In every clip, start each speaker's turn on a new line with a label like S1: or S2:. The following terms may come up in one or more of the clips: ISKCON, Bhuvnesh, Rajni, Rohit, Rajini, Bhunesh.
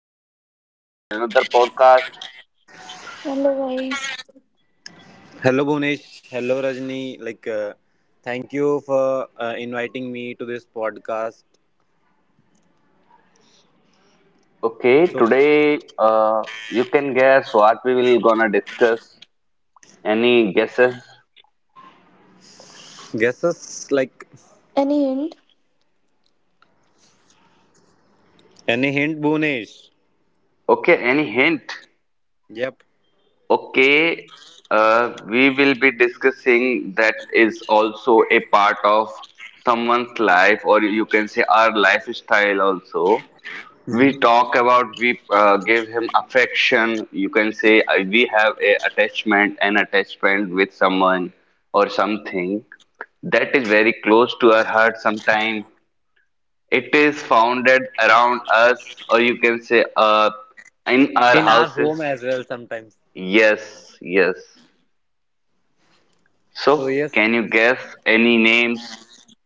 S1: Welcome to other another podcast.
S2: Otherwise,
S3: Hello, Bhunesh. Hello, Rajni. Like, thank you for inviting me to this podcast.
S1: Okay,
S3: So,
S1: today you can guess what we will gonna discuss. Any guesses?
S3: guesses like
S2: any hint?
S3: any hint, Bhunesh?
S1: Okay, any hint?
S3: Yep.
S1: Okay, we will be discussing that is also a part of someone's life, or you can say our lifestyle also. We talk about we give him affection, you can say, we have a attachment an attachment with someone or something that is very close to our heart sometime, it is founded around us, or you can say in our
S3: In our
S1: houses.
S3: home as well sometimes.
S1: Yes, yes.
S3: So
S1: So
S3: yes.
S1: can you guess any names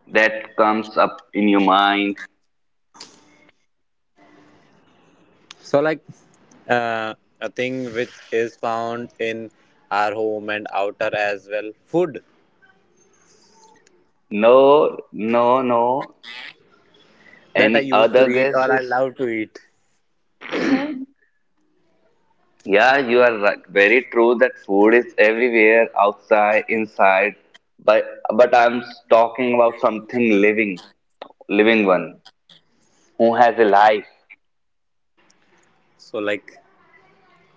S1: that comes up in your mind?
S3: So like, uh, a thing which is found in our home and outer as well. Food
S1: No, no, no.
S3: that I
S1: Any
S3: used to
S1: other
S3: eat or I
S1: guesses?
S3: love to eat.
S2: Huh?
S1: Yeah, you are right. Very true that food is everywhere, outside, inside. But but I'm talking about something living, living one who has a life.
S3: So like,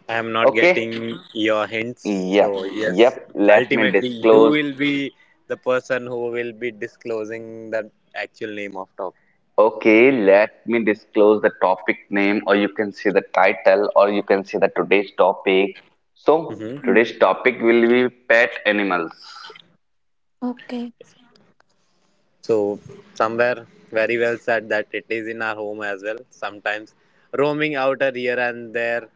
S3: I'm not
S1: Okay?
S3: getting your hints. So,
S1: Yep,
S3: yes,
S1: yep. Let me
S3: ultimately, you
S1: disclose.
S3: will be the person who will be disclosing the actual name of topic.
S1: Okay, let me disclose the topic name, or you can see the title, or you can see the today's topic. So
S3: hmm
S1: today's topic will be pet animals.
S2: Okay.
S3: So somewhere very well said that it is in our home as well. Sometimes roaming outer here and there,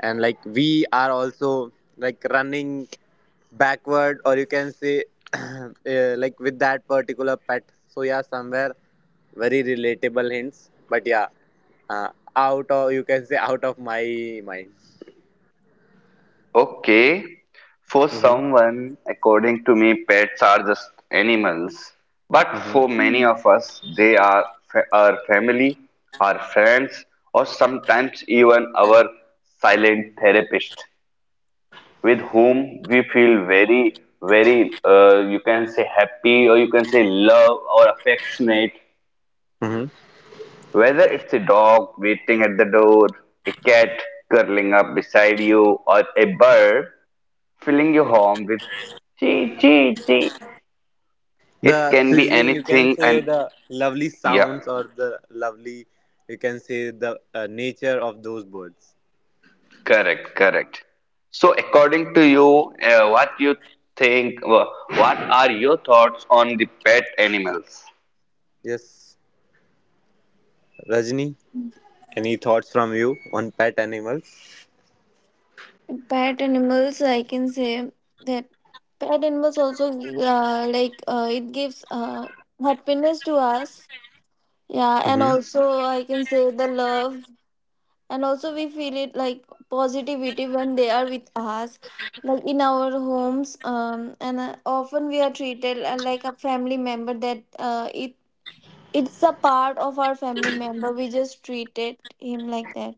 S3: and like we are also like running backward, or you can say uh, like with that particular pet. So yeah, somewhere very relatable hints. But yeah, uh, out of you can say out of my mind.
S1: Okay, for
S3: Mm-hmm.
S1: someone, according to me, pets are just animals. But
S3: Mm-hmm.
S1: for many of us, they are our family, our friends, or sometimes even our silent therapist with whom we feel very, very, you can say happy, or you can say love or affectionate.
S3: Mm-hmm.
S1: Whether it's a dog waiting at the door, a cat curling up beside you, or a bird filling your home with chee chee chee. It
S3: The
S1: can be
S3: sizzling you can
S1: anything,
S3: say
S1: and
S3: the lovely
S1: yeah,
S3: sounds or the lovely you can say the nature of those birds.
S1: correct, correct. So, according to you, what you think? What are your thoughts on the pet animals?
S3: Yes, Rajni, any thoughts from you on pet animals?
S2: Pet animals, I can say that pet animals also it gives happiness to us. Yeah, and
S3: Hmm.
S2: also I can say the love, and also we feel it like positivity when they are with us, like in our homes. And often we are treated like a family member that it It's a part of our family member. We just treated him like that.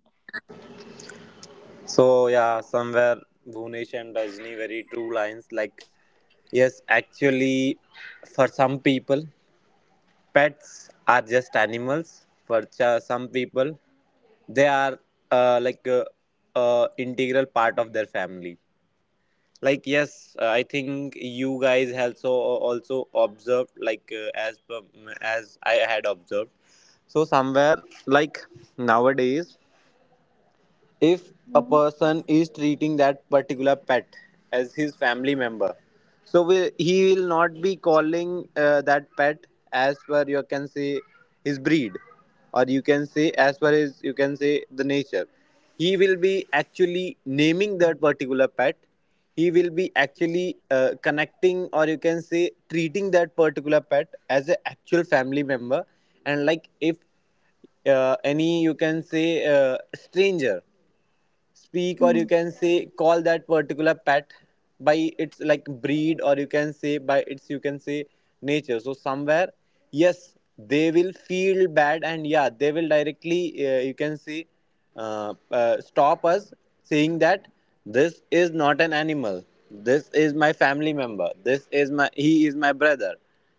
S3: So yeah, somewhere Bhunesh and Rajni, very true lines. Like yes, actually for some people pets are just animals. For some people they are uh, like uh, integral part of their family. Like yes, I think you guys also observed like as I had observed. So somewhere like nowadays, if a
S2: Hmm.
S3: person is treating that particular pet as his family member, so we, he will not be calling that pet as per you can say his breed, or you can say as per his you can say the nature. He will be actually naming that particular pet. He will be actually connecting, or you can say treating that particular pet as an actual family member. And like if any you can say stranger speak, or
S2: Hmm.
S3: you can say call that particular pet by its like breed, or you can say by its you can say nature, so somewhere yes they will feel bad and yeah they will directly you can say stop us saying that this is not an animal, this is my family member, this is my, he is my brother,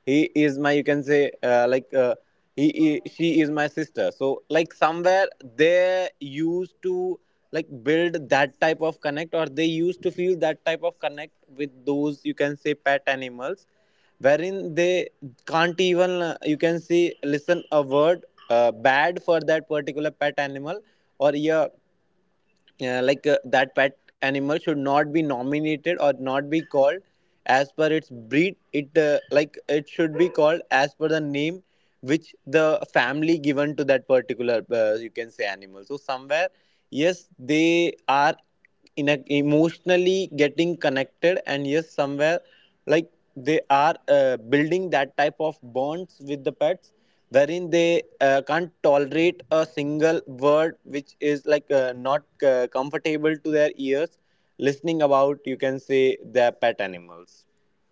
S3: he is my you can say he, she is my sister. So like somewhere they used to like build that type of connect, or they used to feel that type of connect with those you can say pet animals, wherein they can't even you can see listen a word bad for that particular pet animal. Or yeah, yeah, like that pet animal should not be nominated or not be called as per its breed. It like it should be called as per the name which the family given to that particular you can say animal. So somewhere, yes, they are in a, emotionally getting connected, and yes somewhere like they are building that type of bonds with the pets, wherein they can't tolerate a single word which is like not comfortable to their ears listening about you can say their pet animals.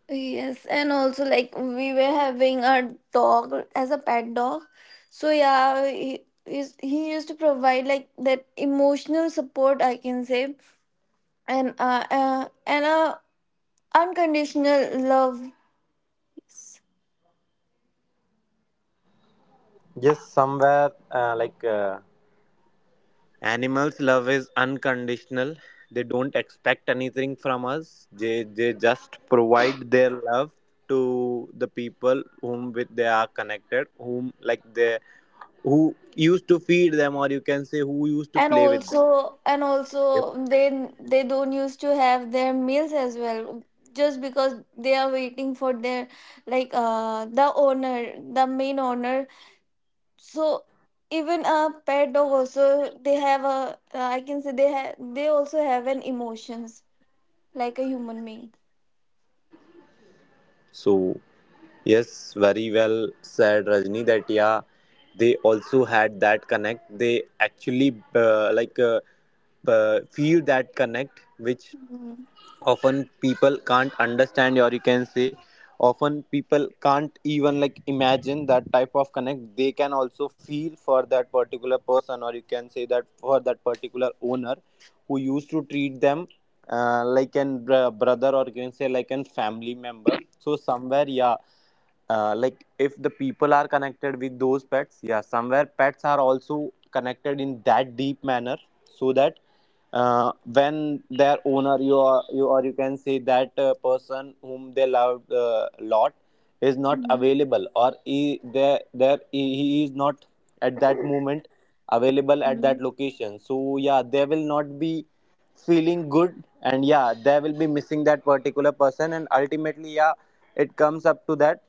S2: Yes, and also like we were having a dog as a pet dog. So yeah, he used to provide like that emotional support I can say, and a unconditional love. Yes.
S3: Yes somewhere animals' love is unconditional. They don't expect anything from us. They just provide their love to the people whom with they are connected, whom like they who used to feed them, or you can say who used to
S2: And
S3: play with them.
S2: also, and also,
S3: Yep.
S2: they don't used to have their meals as well, just because they are waiting for their, like the owner, the main owner. So even a pet dog also, they have a, I can say they have, they also have an emotions like a human being.
S3: So yes, very well said, Rajni. That yeah, they also had that connect. They actually like. Feel that connect which
S2: Mhm.
S3: often people can't understand, or you can say often people can't even like imagine that type of connect they can also feel for that particular person, or you can say that for that particular owner who used to treat them like an brother, or you can say like an family member. So somewhere yeah, like if the people are connected with those pets, yeah somewhere pets are also connected in that deep manner, so that when their owner you or you, or you can say that person whom they loved a lot is not
S2: Mhm.
S3: available, or he there there he is not at that moment available at
S2: Mhm.
S3: that location. So yeah they will not be feeling good, and yeah they will be missing that particular person, and ultimately yeah it comes up to that,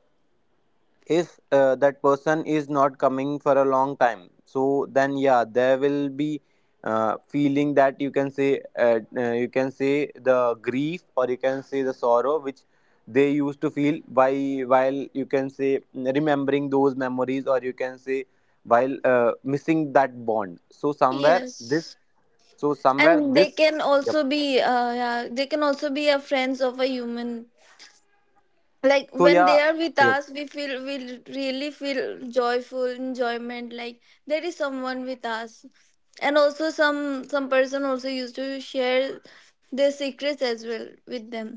S3: if that person is not coming for a long time, so then yeah there will be feeling that you can say the grief, or you can say the sorrow which they used to feel while you can say remembering those memories, or you can say while missing that bond. So somewhere this,
S2: Yes,
S3: so somewhere
S2: and they
S3: this,
S2: can
S3: yep,
S2: also be yeah, they can also be a friends of a human, like
S3: so
S2: when they
S3: yeah,
S2: are with
S3: yep.
S2: us, we feel we really feel joyful enjoyment, like there is someone with us. And also some person also used to share their secrets as well with them.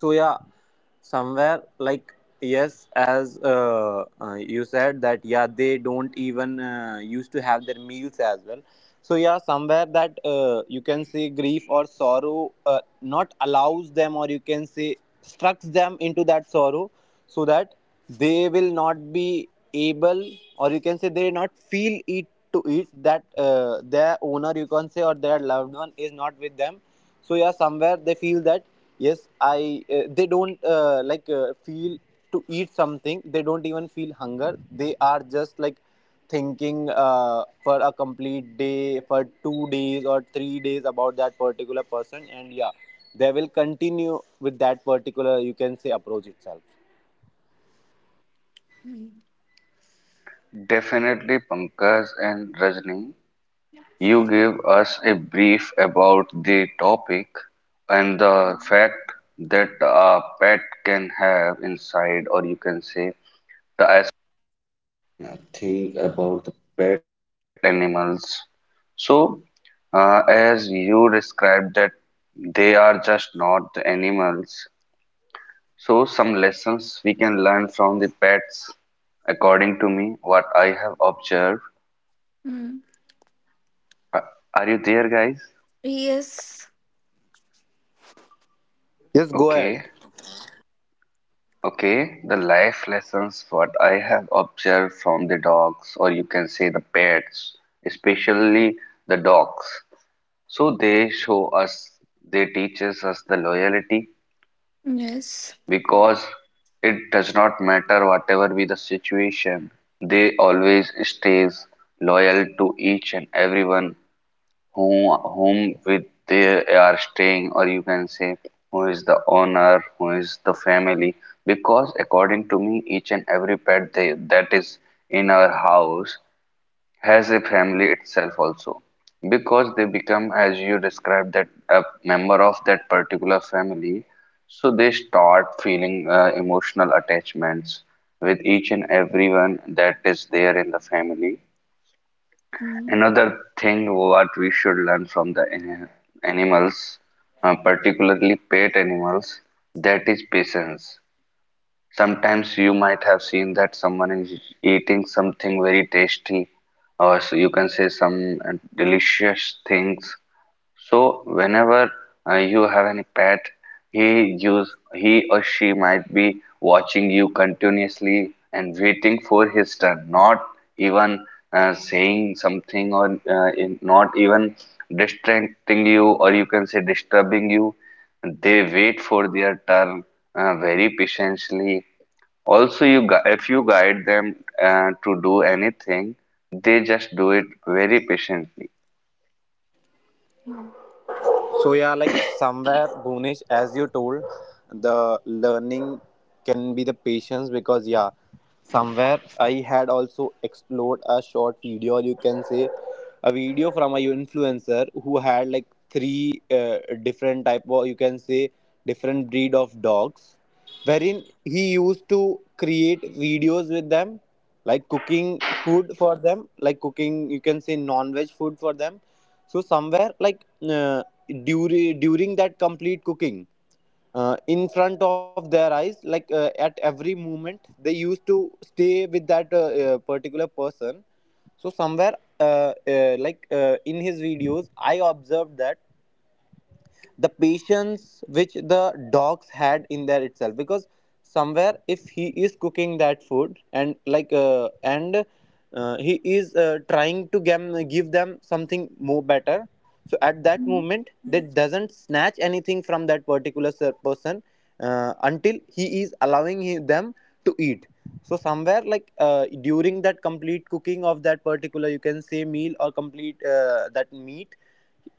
S3: So yeah, somewhere like yes, as you said that yeah, they don't even used to have their meals as well. So yeah, somewhere that you can say grief or sorrow not allows them, or you can say structs them into that sorrow, so that they will not be able, or you can say they not feel it to it that their owner, you can say, or their loved one is not with them. So yeah, somewhere they feel that yes I they don't feel to eat something, they don't even feel hunger, they are just like thinking for a complete day, for 2 days or 3 days about that particular person, and yeah they will continue with that particular you can say approach itself.
S1: They are just not the animals. So some lessons we can learn from the pets, according to me, what I have observed.
S2: Mm.
S1: Are you there, guys?
S2: Yes,
S1: Okay,
S3: Yes, go ahead.
S1: okay. The life lessons what I have observed from the dogs, or you can say the pets, especially the dogs. So they show us, they teaches us the loyalty.
S2: yes.
S1: Because it does not matter whatever be the situation, they always stays loyal to each and everyone who whom with they are staying, or you can say who is the owner, who is the family. Because according to me, each and every pet they, that is in our house has a family itself also, because they become, as you described, that a member of that particular family, so they start feeling emotional attachments with each and everyone that is there in the family.
S2: Mm.
S1: Another thing what we should learn from the animals, particularly pet animals, that is patience. Sometimes you might have seen that someone is eating something very tasty, or you can say some delicious things. So whenever you have any pet, he or she might be watching you continuously and waiting for his turn, not even saying something or not even distracting you, or you can say disturbing you. They wait for their turn very patiently. Also, if you guide them to do anything, they just do it very patiently.
S3: So yeah, like somewhere Bhunesh, as you told, the learning can be the patience, because yeah, somewhere I had also explored a short video, or you can say a video from a influencer who had like three different type, or you can say different breed of dogs, wherein he used to create videos with them, like cooking food for them, like cooking you can say non-veg food for them. So somewhere like during that complete cooking in front of their eyes, like at every moment they used to stay with that particular person. So somewhere like in his videos I observed that the patience which the dogs had in there itself, because somewhere if he is cooking that food, and like and he is trying to give them something more better, so at that
S2: Mm.
S3: moment they doesn't snatch anything from that particular person until he is allowing them to eat. So somewhere like during that complete cooking of that particular you can say meal, or complete that meat,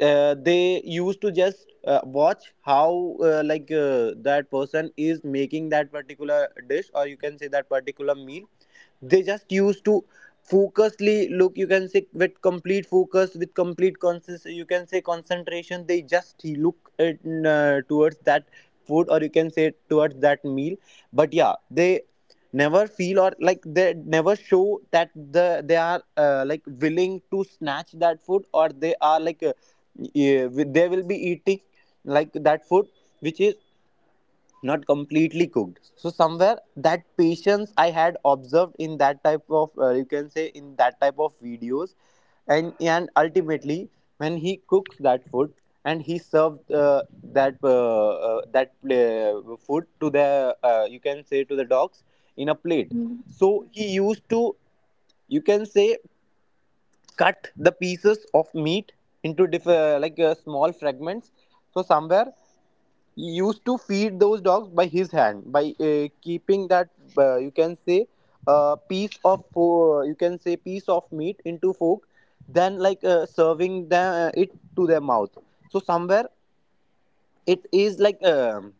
S3: they used to just watch how like that person is making that particular dish, or you can say that particular meal. They just used to focusly look, you can say with complete focus, with complete consist you can say concentration they just look at, towards that food, or you can say towards that meal. But yeah they never feel, or like they never show that the they are like willing to snatch that food, or they are like yeah, they will be eating like that food which is not completely cooked. So somewhere that patience I had observed in that type of you can say in that type of videos. And ultimately, when he cooks that food and he served that food to the you can say to the dogs in a plate,
S2: Mm.
S3: so he used to you can say cut the pieces of meat into like small fragments. So somewhere used to feed those dogs by his hand by keeping that you can say piece of you can say piece of meat into fork, then like serving them, it to their mouth. So somewhere it is like um,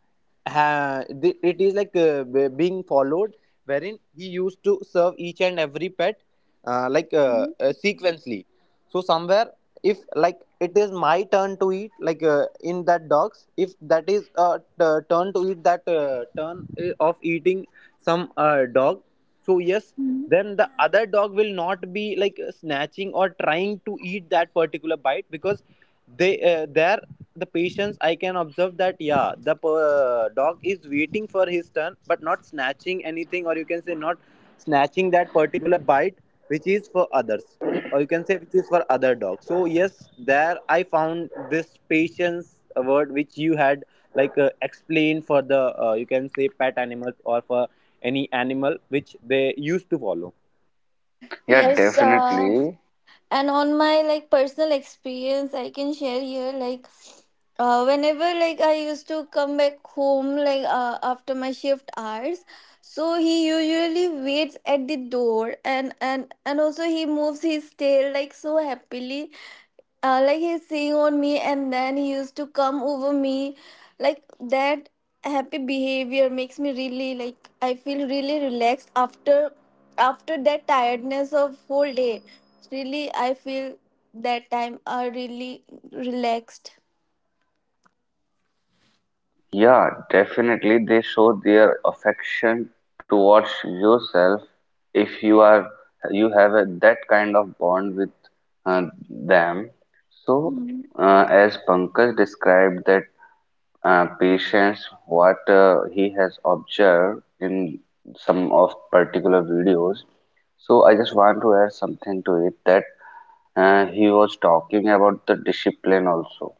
S3: ha, th- it is like being followed, wherein he used to serve each and every pet
S2: Mm.
S3: sequentially. So somewhere if like it is my turn to eat, like in that dogs, if that is turn to eat, that turn of eating some dog, so yes,
S2: Mm.
S3: then the other dog will not be like snatching or trying to eat that particular bite, because they their the patience I can observe that yeah the dog is waiting for his turn but not snatching anything, or you can say not snatching that particular bite which is for others, or you can say which is for other dogs. So yes, there I found this patience, a word which you had like explained for the you can say pet animals, or for any animal which they used to follow.
S1: Yeah,
S2: Yes,
S1: definitely.
S2: and on my like personal experience, I can share here like whenever like I used to come back home, like after my shift hours, so he usually waits at the door, and and also he moves his tail, like so happily, like he's seeing on me, and then he used to come over me. Like that happy behavior makes me really, like I feel really relaxed after, after that tiredness of whole day. Really I feel that time are really relaxed.
S1: Yeah, definitely. They show their affection towards yourself if you are, you have a, that kind of bond with them. So, as Pankaj described that patients, what he has observed in some of particular videos, so I just want to add something to it, that he was talking about the discipline also.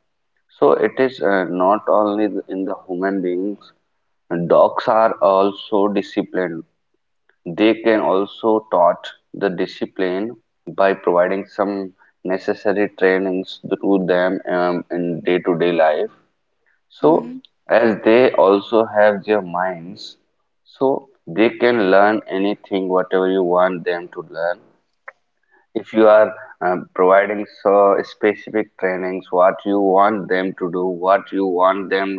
S1: So it is not only in the human beings, dogs are also disciplined. They can also taught the discipline by providing some necessary trainings to them in day-to-day life.
S2: Mm-hmm.
S1: So as they also have their minds, so they can learn anything whatever you want them to learn. If you are providing so specific trainings what you want them to do, what you want them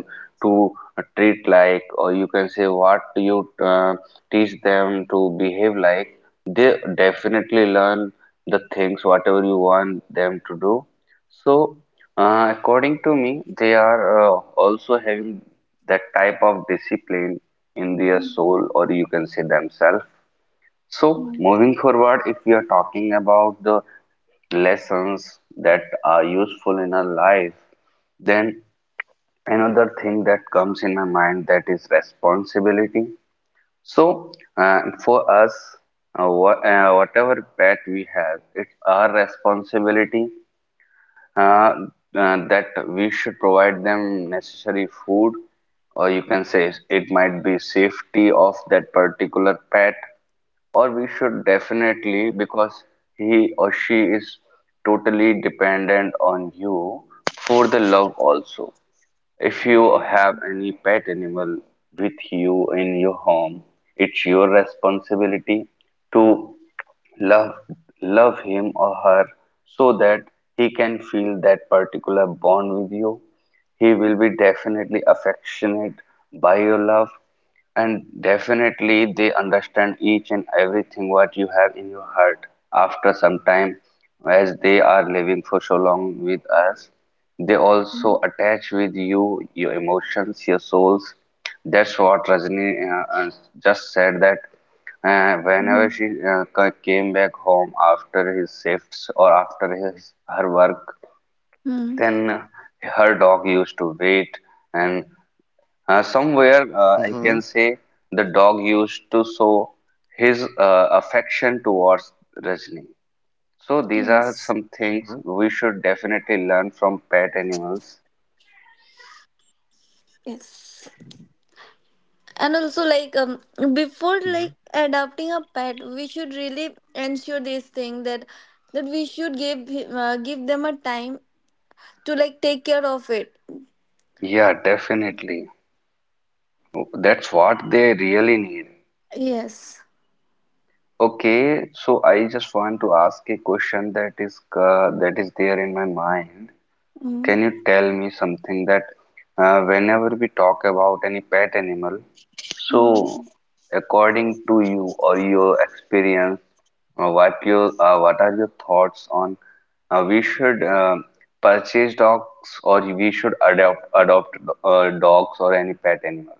S1: to treat like, or you can say what you teach them to behave like, they definitely learn the things whatever you want them to do. So according to me they are also having that type of discipline in their soul, or you can say themselves. So
S2: Mm-hmm.
S1: moving forward, if we are talking about the lessons that are useful in our life, then another thing that comes in my mind, that is responsibility. So for us, whatever pet we have, it's our responsibility, uh, that we should provide them necessary food, or you can say it might be safety of that particular pet, or we should definitely, because he or she is totally dependent on you for the love also. If you have any pet animal with you in your home, it's your responsibility to love love him or her, so that he can feel that particular bond with you. He will be definitely affectionate by your love, and definitely they understand each and everything what you have in your heart after some time. As they are living for so long with us, they also attach with you your emotions, your souls. That's what Rajni just said, that whenever she came back home after his shifts or after his her work,
S2: Mm-hmm.
S1: then her dog used to wait, and somewhere I can
S4: Mhm,
S1: say the dog used to show his affection towards Rajni. So these are
S2: Yes.
S1: some
S4: mhm,
S1: things we should definitely learn from pet animals.
S2: Yes. And also, like before
S4: mhm,
S2: like adopting a pet, we should really ensure this thing that, that we should give give them a time to like take care of it.
S1: Yeah, definitely. That's what they really need.
S2: Yes.
S1: Okay, so I just want to ask a question that is there in my mind.
S2: Mm.
S1: Can you tell me something, that whenever we talk about any pet animal, so
S2: Mm.
S1: according to you or your experience, What you? What are your thoughts on, we should purchase dogs, or we should adopt dogs or any pet animal?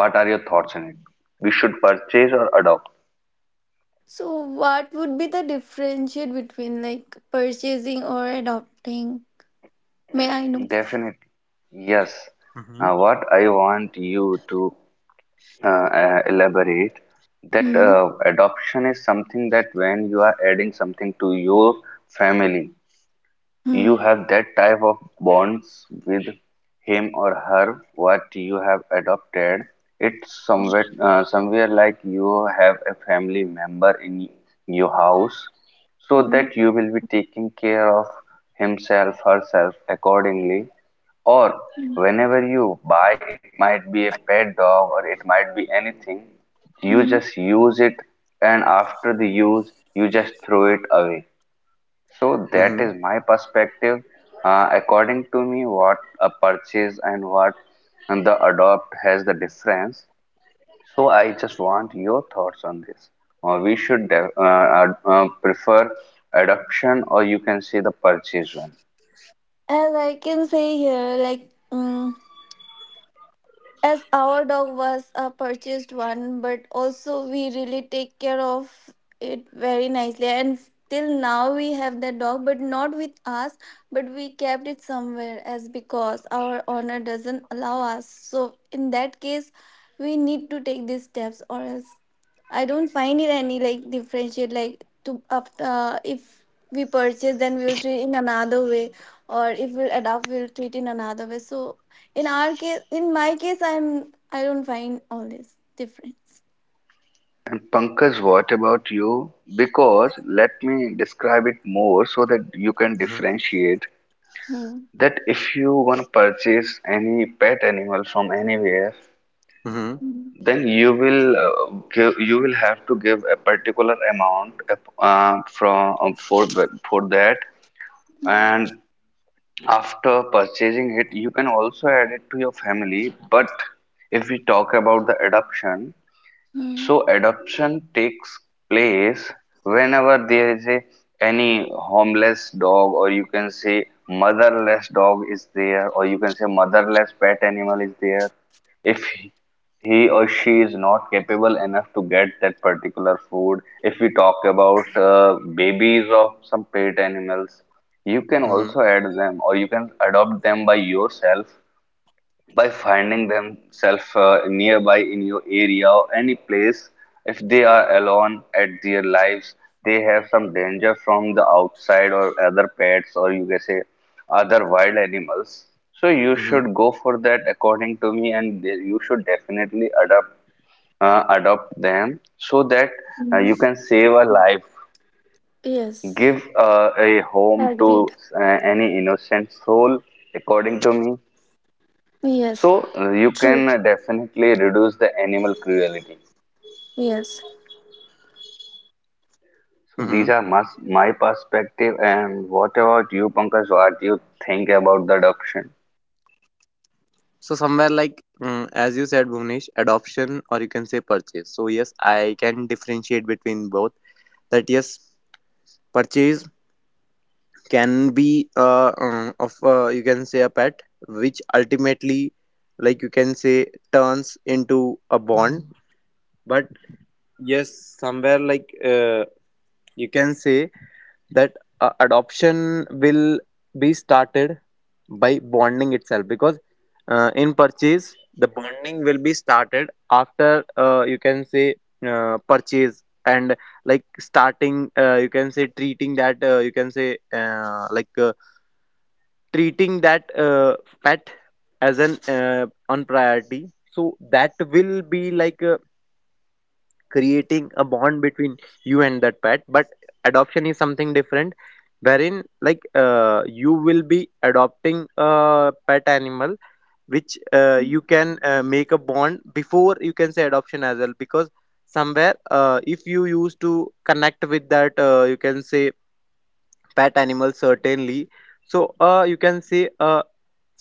S1: What are your thoughts on it? We should purchase or adopt?
S2: So what would be the differentiate between like purchasing or adopting, may I know?
S1: Definitely. Yes.
S4: mhm,
S1: What I want you to elaborate, that
S2: Mm-hmm.
S1: adoption is something that when you are adding something to your family, you have that type of bonds with him or her, what you have adopted. It's somewhere, somewhere like you have a family member in your house, so
S2: Mm-hmm.
S1: that you will be taking care of himself, herself accordingly. Or whenever you buy, it might be a pet dog or it might be anything. You
S2: Mm-hmm.
S1: just use it, and after the use, you just throw it away. So that
S4: mhm,
S1: is my perspective. According to me, what a purchase and what and the adopt has the difference. So I just want your thoughts on this. We should prefer adoption, or you can say the purchase one.
S2: As I can say here like as our dog was a purchased one, but also we really take care of it very nicely, and till now we have the dog, but not with us. But we kept it somewhere as because our owner doesn't allow us, so in that case we need to take these steps, or else I don't find it any like differentiate, like to after if we purchase, then we will treat in another way, or if we adopt, we'll treat in another way. So in our case, in my case, I don't find all this difference.
S1: And Pankaj, what about you? Because let me describe it more so that you can
S4: mhm,
S1: differentiate,
S2: Mm.
S1: that if you want to purchase any pet animal from anywhere,
S4: mhm,
S2: Mm.
S1: then you will give, you will have to give a particular amount from for that,
S2: Mm.
S1: and after purchasing it you can also add it to your family. But if we talk about the adoption,
S2: Yeah.
S1: so adoption takes place whenever there is a, any homeless dog, or you can say motherless dog is there, or you can say motherless pet animal is there. If he or she is not capable enough to get that particular food, if we talk about babies of some pet animals, you can
S4: mhm,
S1: also add them, or you can adopt them by yourself by finding themselves nearby in your area or any place. If they are alone at their lives, they have some danger from the outside or other pets, or you can say other wild animals, so you
S4: mhm,
S1: should go for that according to me, and you should definitely adopt them, so that you
S2: Mm.
S1: can save a life,
S2: Yes.
S1: give a home
S2: Agreed.
S1: to uh, any innocent soul, according to me.
S2: Yes.
S1: So you
S2: True.
S1: can definitely reduce the animal cruelty.
S2: Yes.
S1: So these
S4: mhm.
S1: are my, my perspective. And what about you, Pankaj? What do you think about the adoption?
S4: So somewhere like mm, as you said, Bhuvnesh, adoption or you can say purchase. So yes, I can differentiate between both. That yes, purchase can be of you can say a pet, which ultimately like you can say turns into a bond. But yes, somewhere you can say that adoption will be started by bonding itself because in purchase the bonding will be started after you can say purchase and like starting you can say treating that you can say treating that pet as an on priority, so that will be creating a bond between you and that pet. But adoption is something different, wherein you will be adopting a pet animal which
S2: Mm.
S4: you can make a bond before you can say adoption as well, because somewhere if you used to connect with that you can say pet animal certainly, so you can say a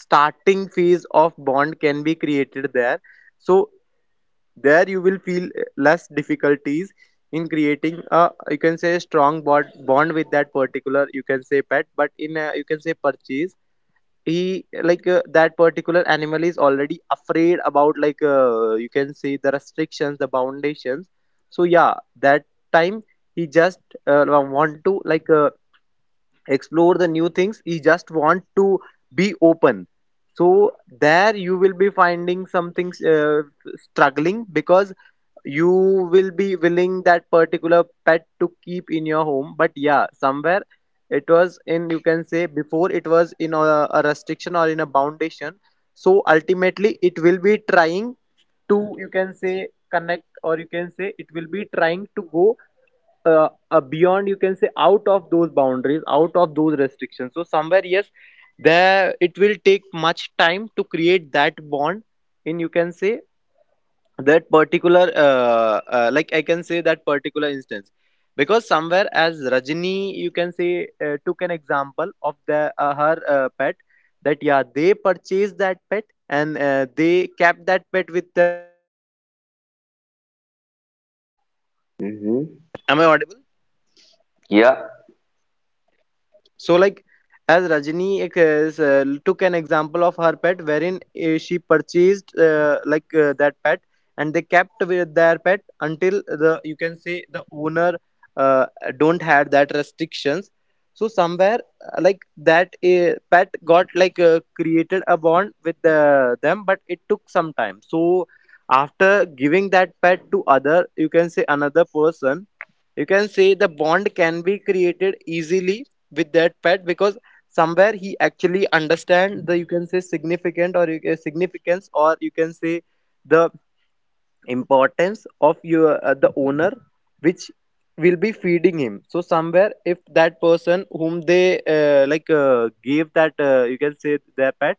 S4: starting phase of bond can be created there. So there you will feel less difficulties in creating a, you can say, strong bond with that particular, you can say, pet. But in a, you can say, purchase, he that particular animal is already afraid about you can say the restrictions, the foundations. So yeah, that time he just want to explore the new things, he just want to be open. So there you will be finding something struggling, because you will be willing that particular pet to keep in your home. But yeah, somewhere it was in, you can say, before it was in a restriction or in a foundation. So ultimately it will be trying to, you can say, connect, or you can say it will be trying to go beyond, you can say, out of those boundaries, out of those restrictions. So somewhere yes, there it will take much time to create that bond in, you can say, that particular I can say that particular instance. Because somewhere, as Rajini, you can say, took an example of the her pet, that yeah, they purchased that pet and they kept that pet with
S1: Hmm.
S5: Am I audible?
S1: Yeah,
S5: So, like as Rajini took an example of her pet, wherein she purchased that pet, and they kept with their pet until the you can say the owner uh, don't had that restrictions. So somewhere like that pet got created a bond with them, but it took some time. So after giving that pet to other, you can say another person, you can say the bond can be created easily with that pet because somewhere he actually understand the you can say significant or you can, significance or you can say the importance of your the owner which will be feeding him. So somewhere if that person whom they gave that you can say their pet,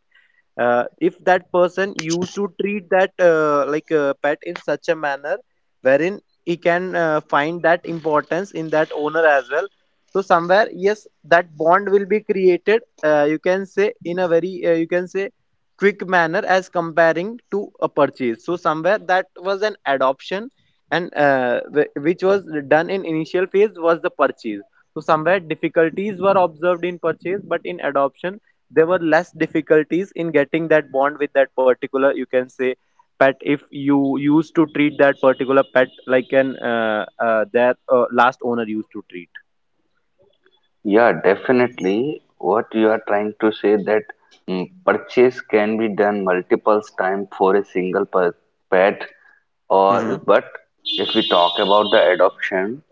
S5: if that person used to treat that pet in such a manner wherein he can find that importance in that owner as well. So somewhere yes, that bond will be created you can say in a very you can say quick manner as comparing to a purchase. So somewhere that was an adoption, and which was done in initial phase was the purchase. So somewhere difficulties were observed in purchase, but in adoption there were less difficulties in getting that bond with that particular you can say pet if you used to treat that particular pet like an their last owner used to treat.
S1: yeah, definitely. What you are trying to say, that mm, purchase can be done multiple times for a single per pet,
S5: Mm-hmm.
S1: or but if we talk about the adoption,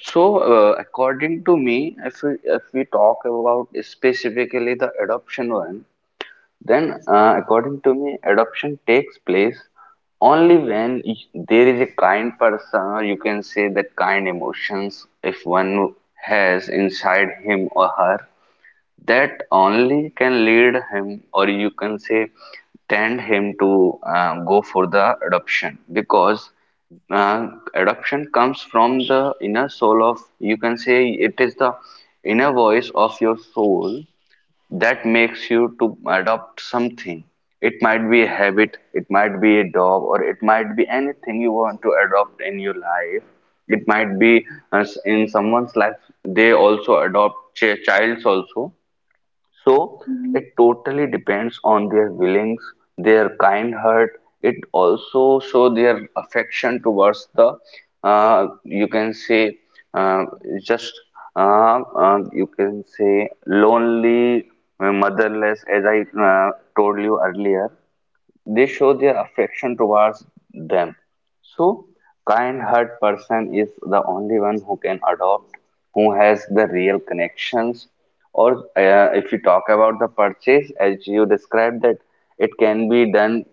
S1: so according to me, if we talk about specifically the adoption one. Then, according to me, adoption takes place only when there is a kind person, or you can say that kind emotions, if one has inside him or her, that only can lead him, or you can say, tend him to go for the adoption, because uh, adoption comes from the inner soul of, you can say, it is the inner voice of your soul that makes you to adopt something. It might be a habit, it might be a job, or it might be anything you want to adopt in your life. It might be in someone's life, they also adopt childs also. So it
S2: Mm.
S1: totally depends on their willings, their kind heart. It also show their affection towards the you can say, uh, just you can say lonely, motherless, as I told you earlier. They show their affection towards them. So, kind-heart person is the only one who can adopt, who has the real connections. Or if you talk about the purchase, as you described that it can be done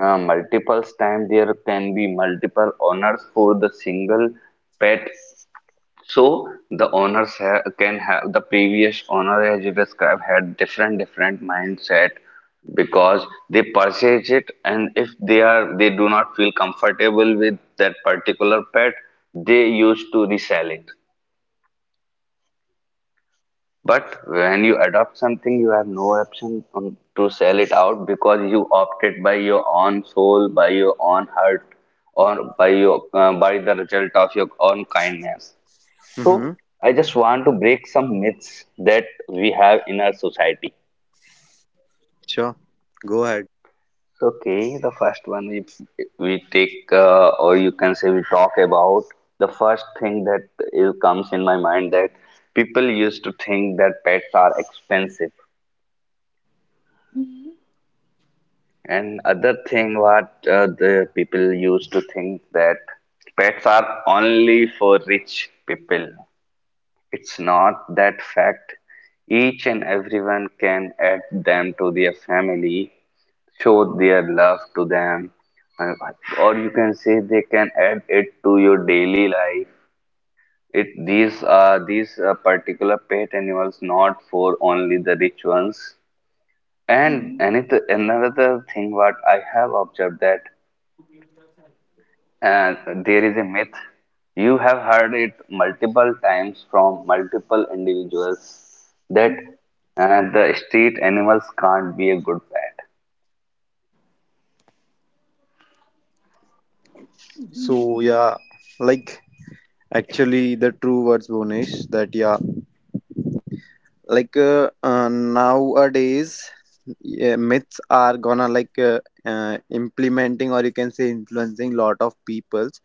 S1: multiple times. There can be multiple owners for the single pet so the owners ha can have the previous owner, as you described, had different different mindset because they purchase it, and if they do not feel comfortable with that particular pet, they used to resell it. But when you adopt something, you have no option on, to sell it out because you opted by your own soul, by your own heart, or by your by the result of your own kindness. So,
S5: Mm-hmm.
S1: I just want to break some myths that we have in our society.
S5: Sure. Go ahead.
S1: So, okay, the first one if we take, or you can say we talk about the first thing that is, comes in my mind that people used to think that pets are expensive, and other thing what the people used to think that pets are only for rich people. It's not that fact. Each and everyone can add them to their family, show their love to them, uh, or you can say they can add it to your daily life. It these are these particular pet animals not for only the rich ones. And
S2: Mm.
S1: another thing what I have observed that. And there is a myth. You have heard it multiple times from multiple individuals that the street animals can't be a good pet.
S5: So yeah, like actually the true words, Bonish, that yeah, nowadays yeah, myths are gonna implementing or you can say influencing lot of peoples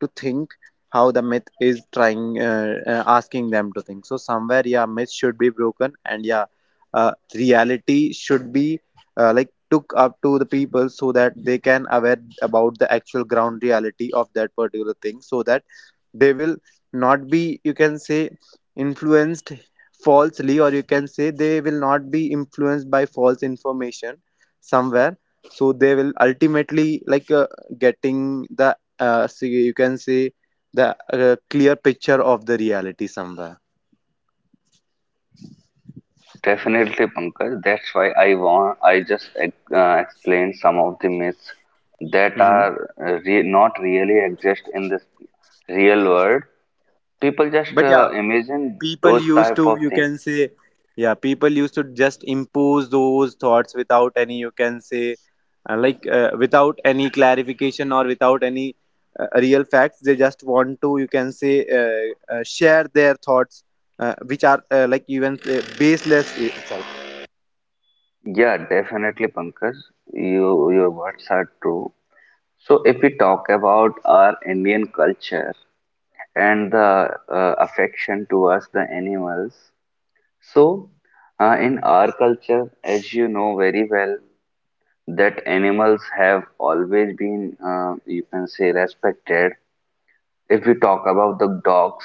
S5: to think how the myth is trying asking them to think. So somewhere yeah, myth should be broken, and yeah reality should be like took up to the people so that they can aware about the actual ground reality of that particular thing so that they will not be you can say influenced falsely, or you can say they will not be influenced by false information somewhere. So they will ultimately getting the so you can say the clear picture of the reality somewhere.
S1: Definitely, Pankaj. That's why I want. I just explained some of the myths that
S5: Hmm.
S1: are not really exist in this real world. People just
S5: But yeah,
S1: imagine
S5: people
S1: those
S5: used
S1: type
S5: to
S1: of
S5: you
S1: things.
S5: can say yeah people used to just impose those thoughts without any you can say without any clarification or without any real facts. They just want to you can say uh, share their thoughts which are like even baseless itself.
S1: Yeah, definitely, Pankaj. You your words are true. So, if we talk about our Indian culture and the affection towards the animals, so in our culture, as you know very well, that animals have always been, you can say, respected. If we talk about the dogs,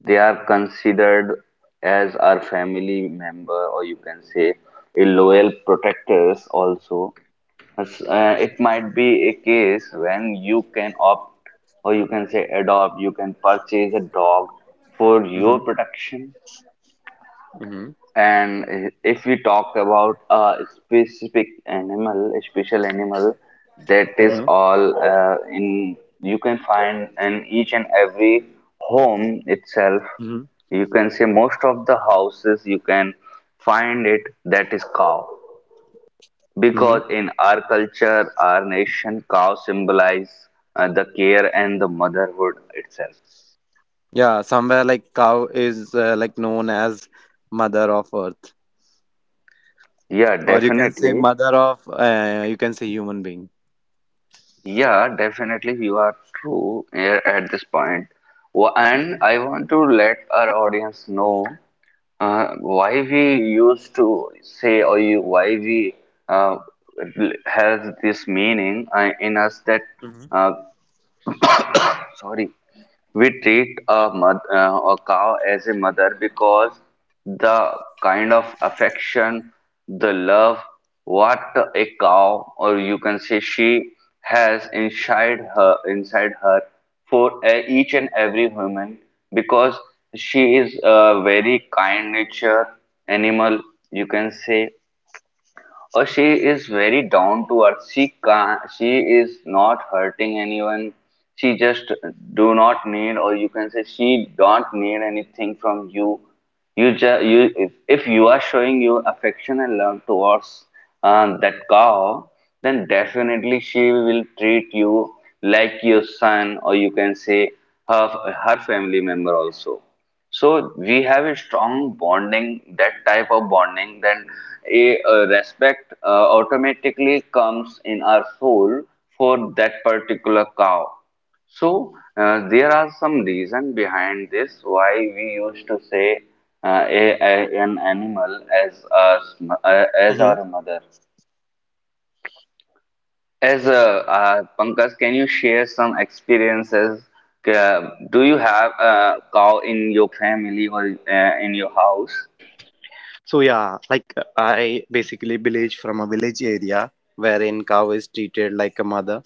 S1: they are considered as our family member, or you can say, a loyal protectors also. Uh, it might be a case when you can opt or you can say adopt, you can purchase a dog for your
S5: Mm-hmm.
S1: protection.
S5: Mm-hmm.
S1: And if we talk about a specific animal, a special animal, that is
S5: Mm-hmm.
S1: all in you can find in each and every home itself.
S5: Mm-hmm.
S1: You can say most of the houses you can find it that is cow
S5: Hmm.
S1: because in our culture, our nation, cow symbolize the care and the motherhood itself.
S5: Yeah, somewhere like cow is like known as mother of earth,
S1: Yeah,
S5: or you can say
S1: definitely.
S5: mother of you can say human being.
S1: Yeah, definitely, you are true here at this point. And I want to let our audience know why we used to say or you, why we uh, has this meaning in us that
S5: Hmm.
S1: uh, sorry. We treat a cow as a mother because the kind of affection, the love, what a cow, or you can say she has inside her for each and every human because she is a very kind nature animal, you can say, or she is very down to earth. She is not hurting anyone. She just do not need, or you can say she don't need anything from you. You just you if you are showing your affection and love towards that cow, then definitely she will treat you like your son, or you can say her her family member also. So we have a strong bonding, that type of bonding, then a, respect automatically comes in our soul for that particular cow. So there are some reason behind this why we used to say an animal as as
S5: Hmm.
S1: our mother. As Pankaj, can you share some experiences? Do you have a cow in your family or in your house?
S5: So yeah, like I basically village from a village area wherein cow is treated like a mother,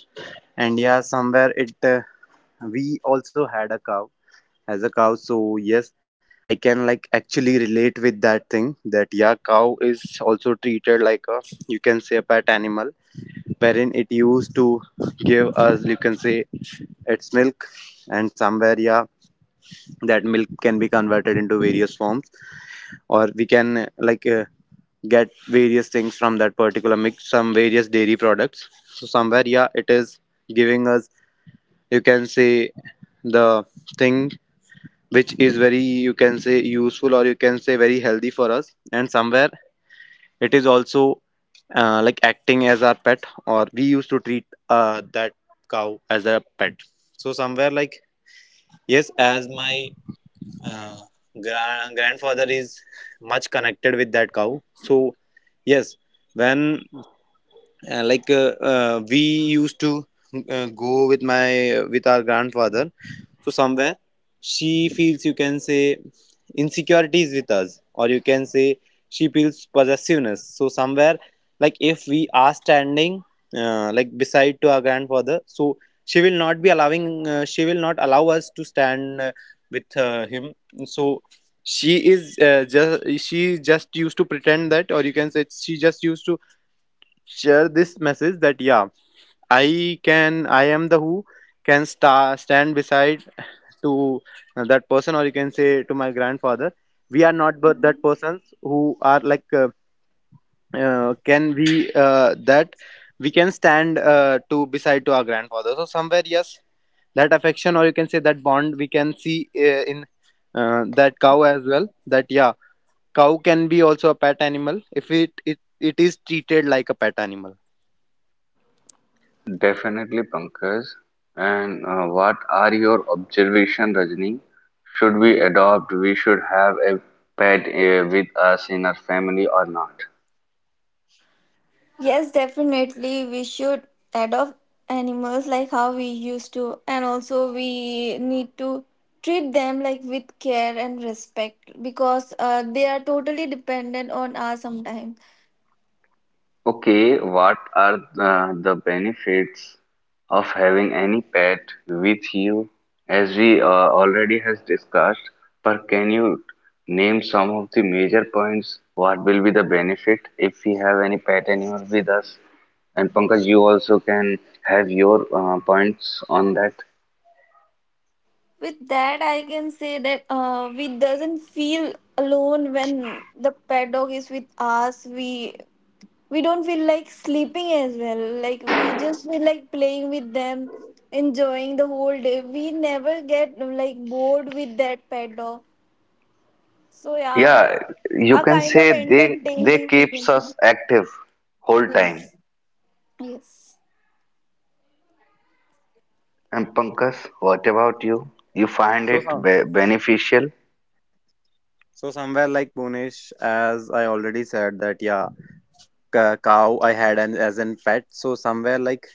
S5: and yeah, somewhere it we also had a cow as a cow. So yes, I can like actually relate with that thing that yeah, cow is also treated like a you can say a pet animal wherein it used to give us you can say its milk, and somewhere yeah, that milk can be converted into various forms, or we can like. Get various things from that particular mix, some various dairy products. So somewhere yeah, it is giving us you can say the thing which is very you can say useful, or you can say very healthy for us, and somewhere it is also acting as our pet, or we used to treat that cow as a pet. So somewhere like yes, as my uh, grandfather is much connected with that cow, so yes when we used to go with my with our grandfather, so somewhere she feels you can say insecurities with us, or you can say she feels possessiveness. So somewhere like if we are standing like beside to our grandfather, so she will not be allowing she will not allow us to stand with him. So she is just she just used to pretend that, or you can say she just used to share this message that yeah, I can I am the who can stand beside to that person, or you can say to my grandfather. We are not, but that persons who are can we that we can stand to beside to our grandfather. So somewhere yes, that affection, or you can say that bond we can see in that cow as well, that yeah cow can be also a pet animal if it is treated like a pet animal.
S1: Definitely, Pankaj. And what are your observation, Rajni? Should we adopt? We should have a pet with us in our family or not?
S2: Yes, definitely we should adopt animals, like how we used to, and also we need to treat them like with care and respect, because they are totally dependent on us sometimes.
S1: Okay, what are the benefits of having any pet with you? As we already has discussed, but can you name some of the major points? What will be the benefit if we have any pet animal with us? And Pankaj, you also can have your points on that.
S2: With that, I can say that we doesn't feel alone when the pet dog is with us. We don't feel like sleeping as well. Like we just feel like playing with them, enjoying the whole day. We never get like bored with that pet dog. So yeah,
S1: Yeah, you
S2: a
S1: can
S2: kind of
S1: say they
S2: entertaining we can
S1: keeps
S2: say.
S1: us active whole time.
S2: Yes. Yes.
S1: And Pankaj, what about you? You find
S5: so
S1: it
S5: some,
S1: be beneficial?
S5: so somewhere like Punish, as I already said that yeah, cow I had an as an pet. So somewhere like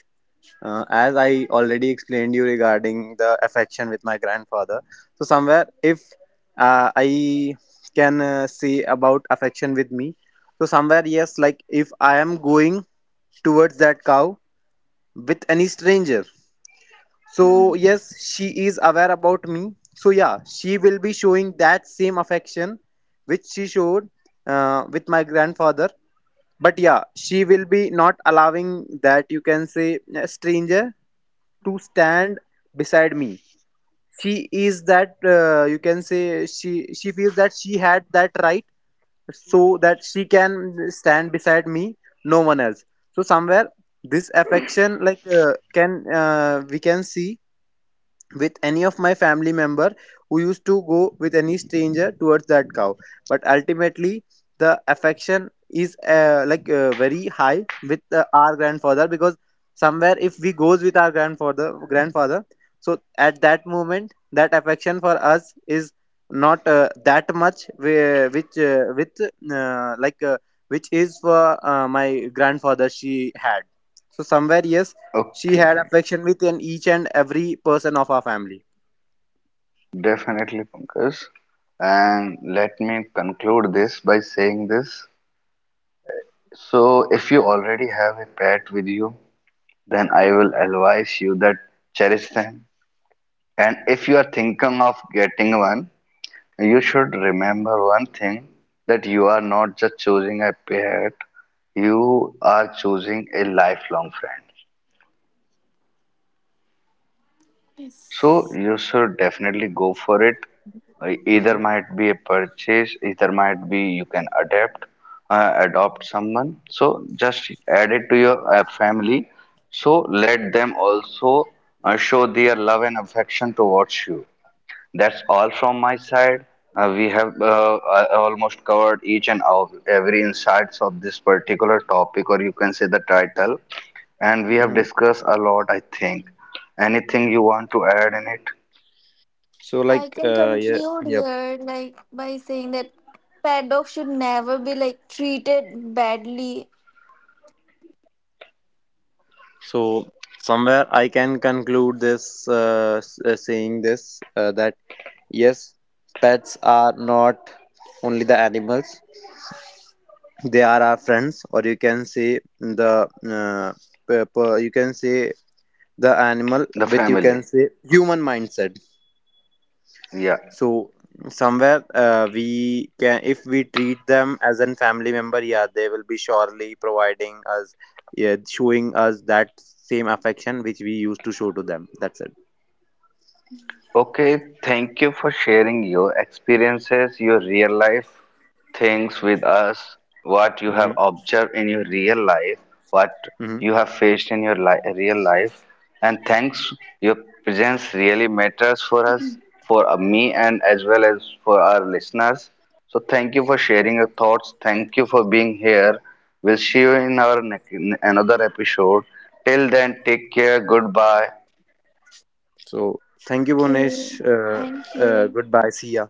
S5: as I already explained you regarding the affection with my grandfather. So somewhere if I can say about affection with me. So somewhere yes, like if I am going towards that cow with any stranger, so
S2: Hmm.
S5: yes she is aware about me. So yeah, she will be showing that same affection which she showed with my grandfather, but yeah she will be not allowing that you can say a stranger to stand beside me. She is that you can say she feels that she had that right so that she can stand beside me, no one else. So somewhere this affection can we can see with any of my family member who used to go with any stranger towards that cow. But ultimately the affection is very high with our grandfather, because somewhere if we goes with our grandfather, so at that moment that affection for us is not that much whe- which with like which is for my grandfather she had. So somewhere yes, she had
S1: Okay,
S5: affection with an each and every person of our family.
S1: definitely, Pankaj. And let me conclude this by saying this. So, if you already have a pet with you, then I will advise you that cherish them. And if you are thinking of getting one, you should remember one thing that you are not just choosing a pet, you are choosing a lifelong friend. So
S2: Yes.
S1: you should definitely go for it. Either
S5: Hmm.
S1: might be a purchase, either might be you can adapt, adopt someone. So just add it to your family. So let them also show their love and affection towards you. That's all from my side. We have almost covered each and all, every insights of this particular topic, or you can say the title. And we have
S5: Hmm.
S1: discussed a lot, I think. Anything you want to add in it?
S5: So,
S2: I can conclude
S5: yep.
S2: here like by saying that pet dogs should never be like treated badly.
S5: So, somewhere I can conclude this saying this that yes, pets are not only the animals, they are our friends, or you can say the uh, you can say the animal
S1: The
S5: with you can
S1: family.
S5: say human mindset.
S1: Yeah.
S5: So somewhere we can if we treat them as a family member, yeah they will be surely providing us yeah, showing us that same affection which we used to show to them. That's it.
S1: Okay. Thank you for sharing your experiences, your real life things with us, what you have
S5: Hmm.
S1: observed in your real life, what
S5: Hmm.
S1: you have faced in your real life. And thanks, your presence really matters for
S2: Mhm.
S1: us, for me, and as well as for our listeners. So thank you for sharing your thoughts. Thank you for being here. We'll see you in our another episode. Till then, take care. Goodbye.
S5: So thank you, Bonish,
S2: Okay, thank you.
S5: goodbye, see ya.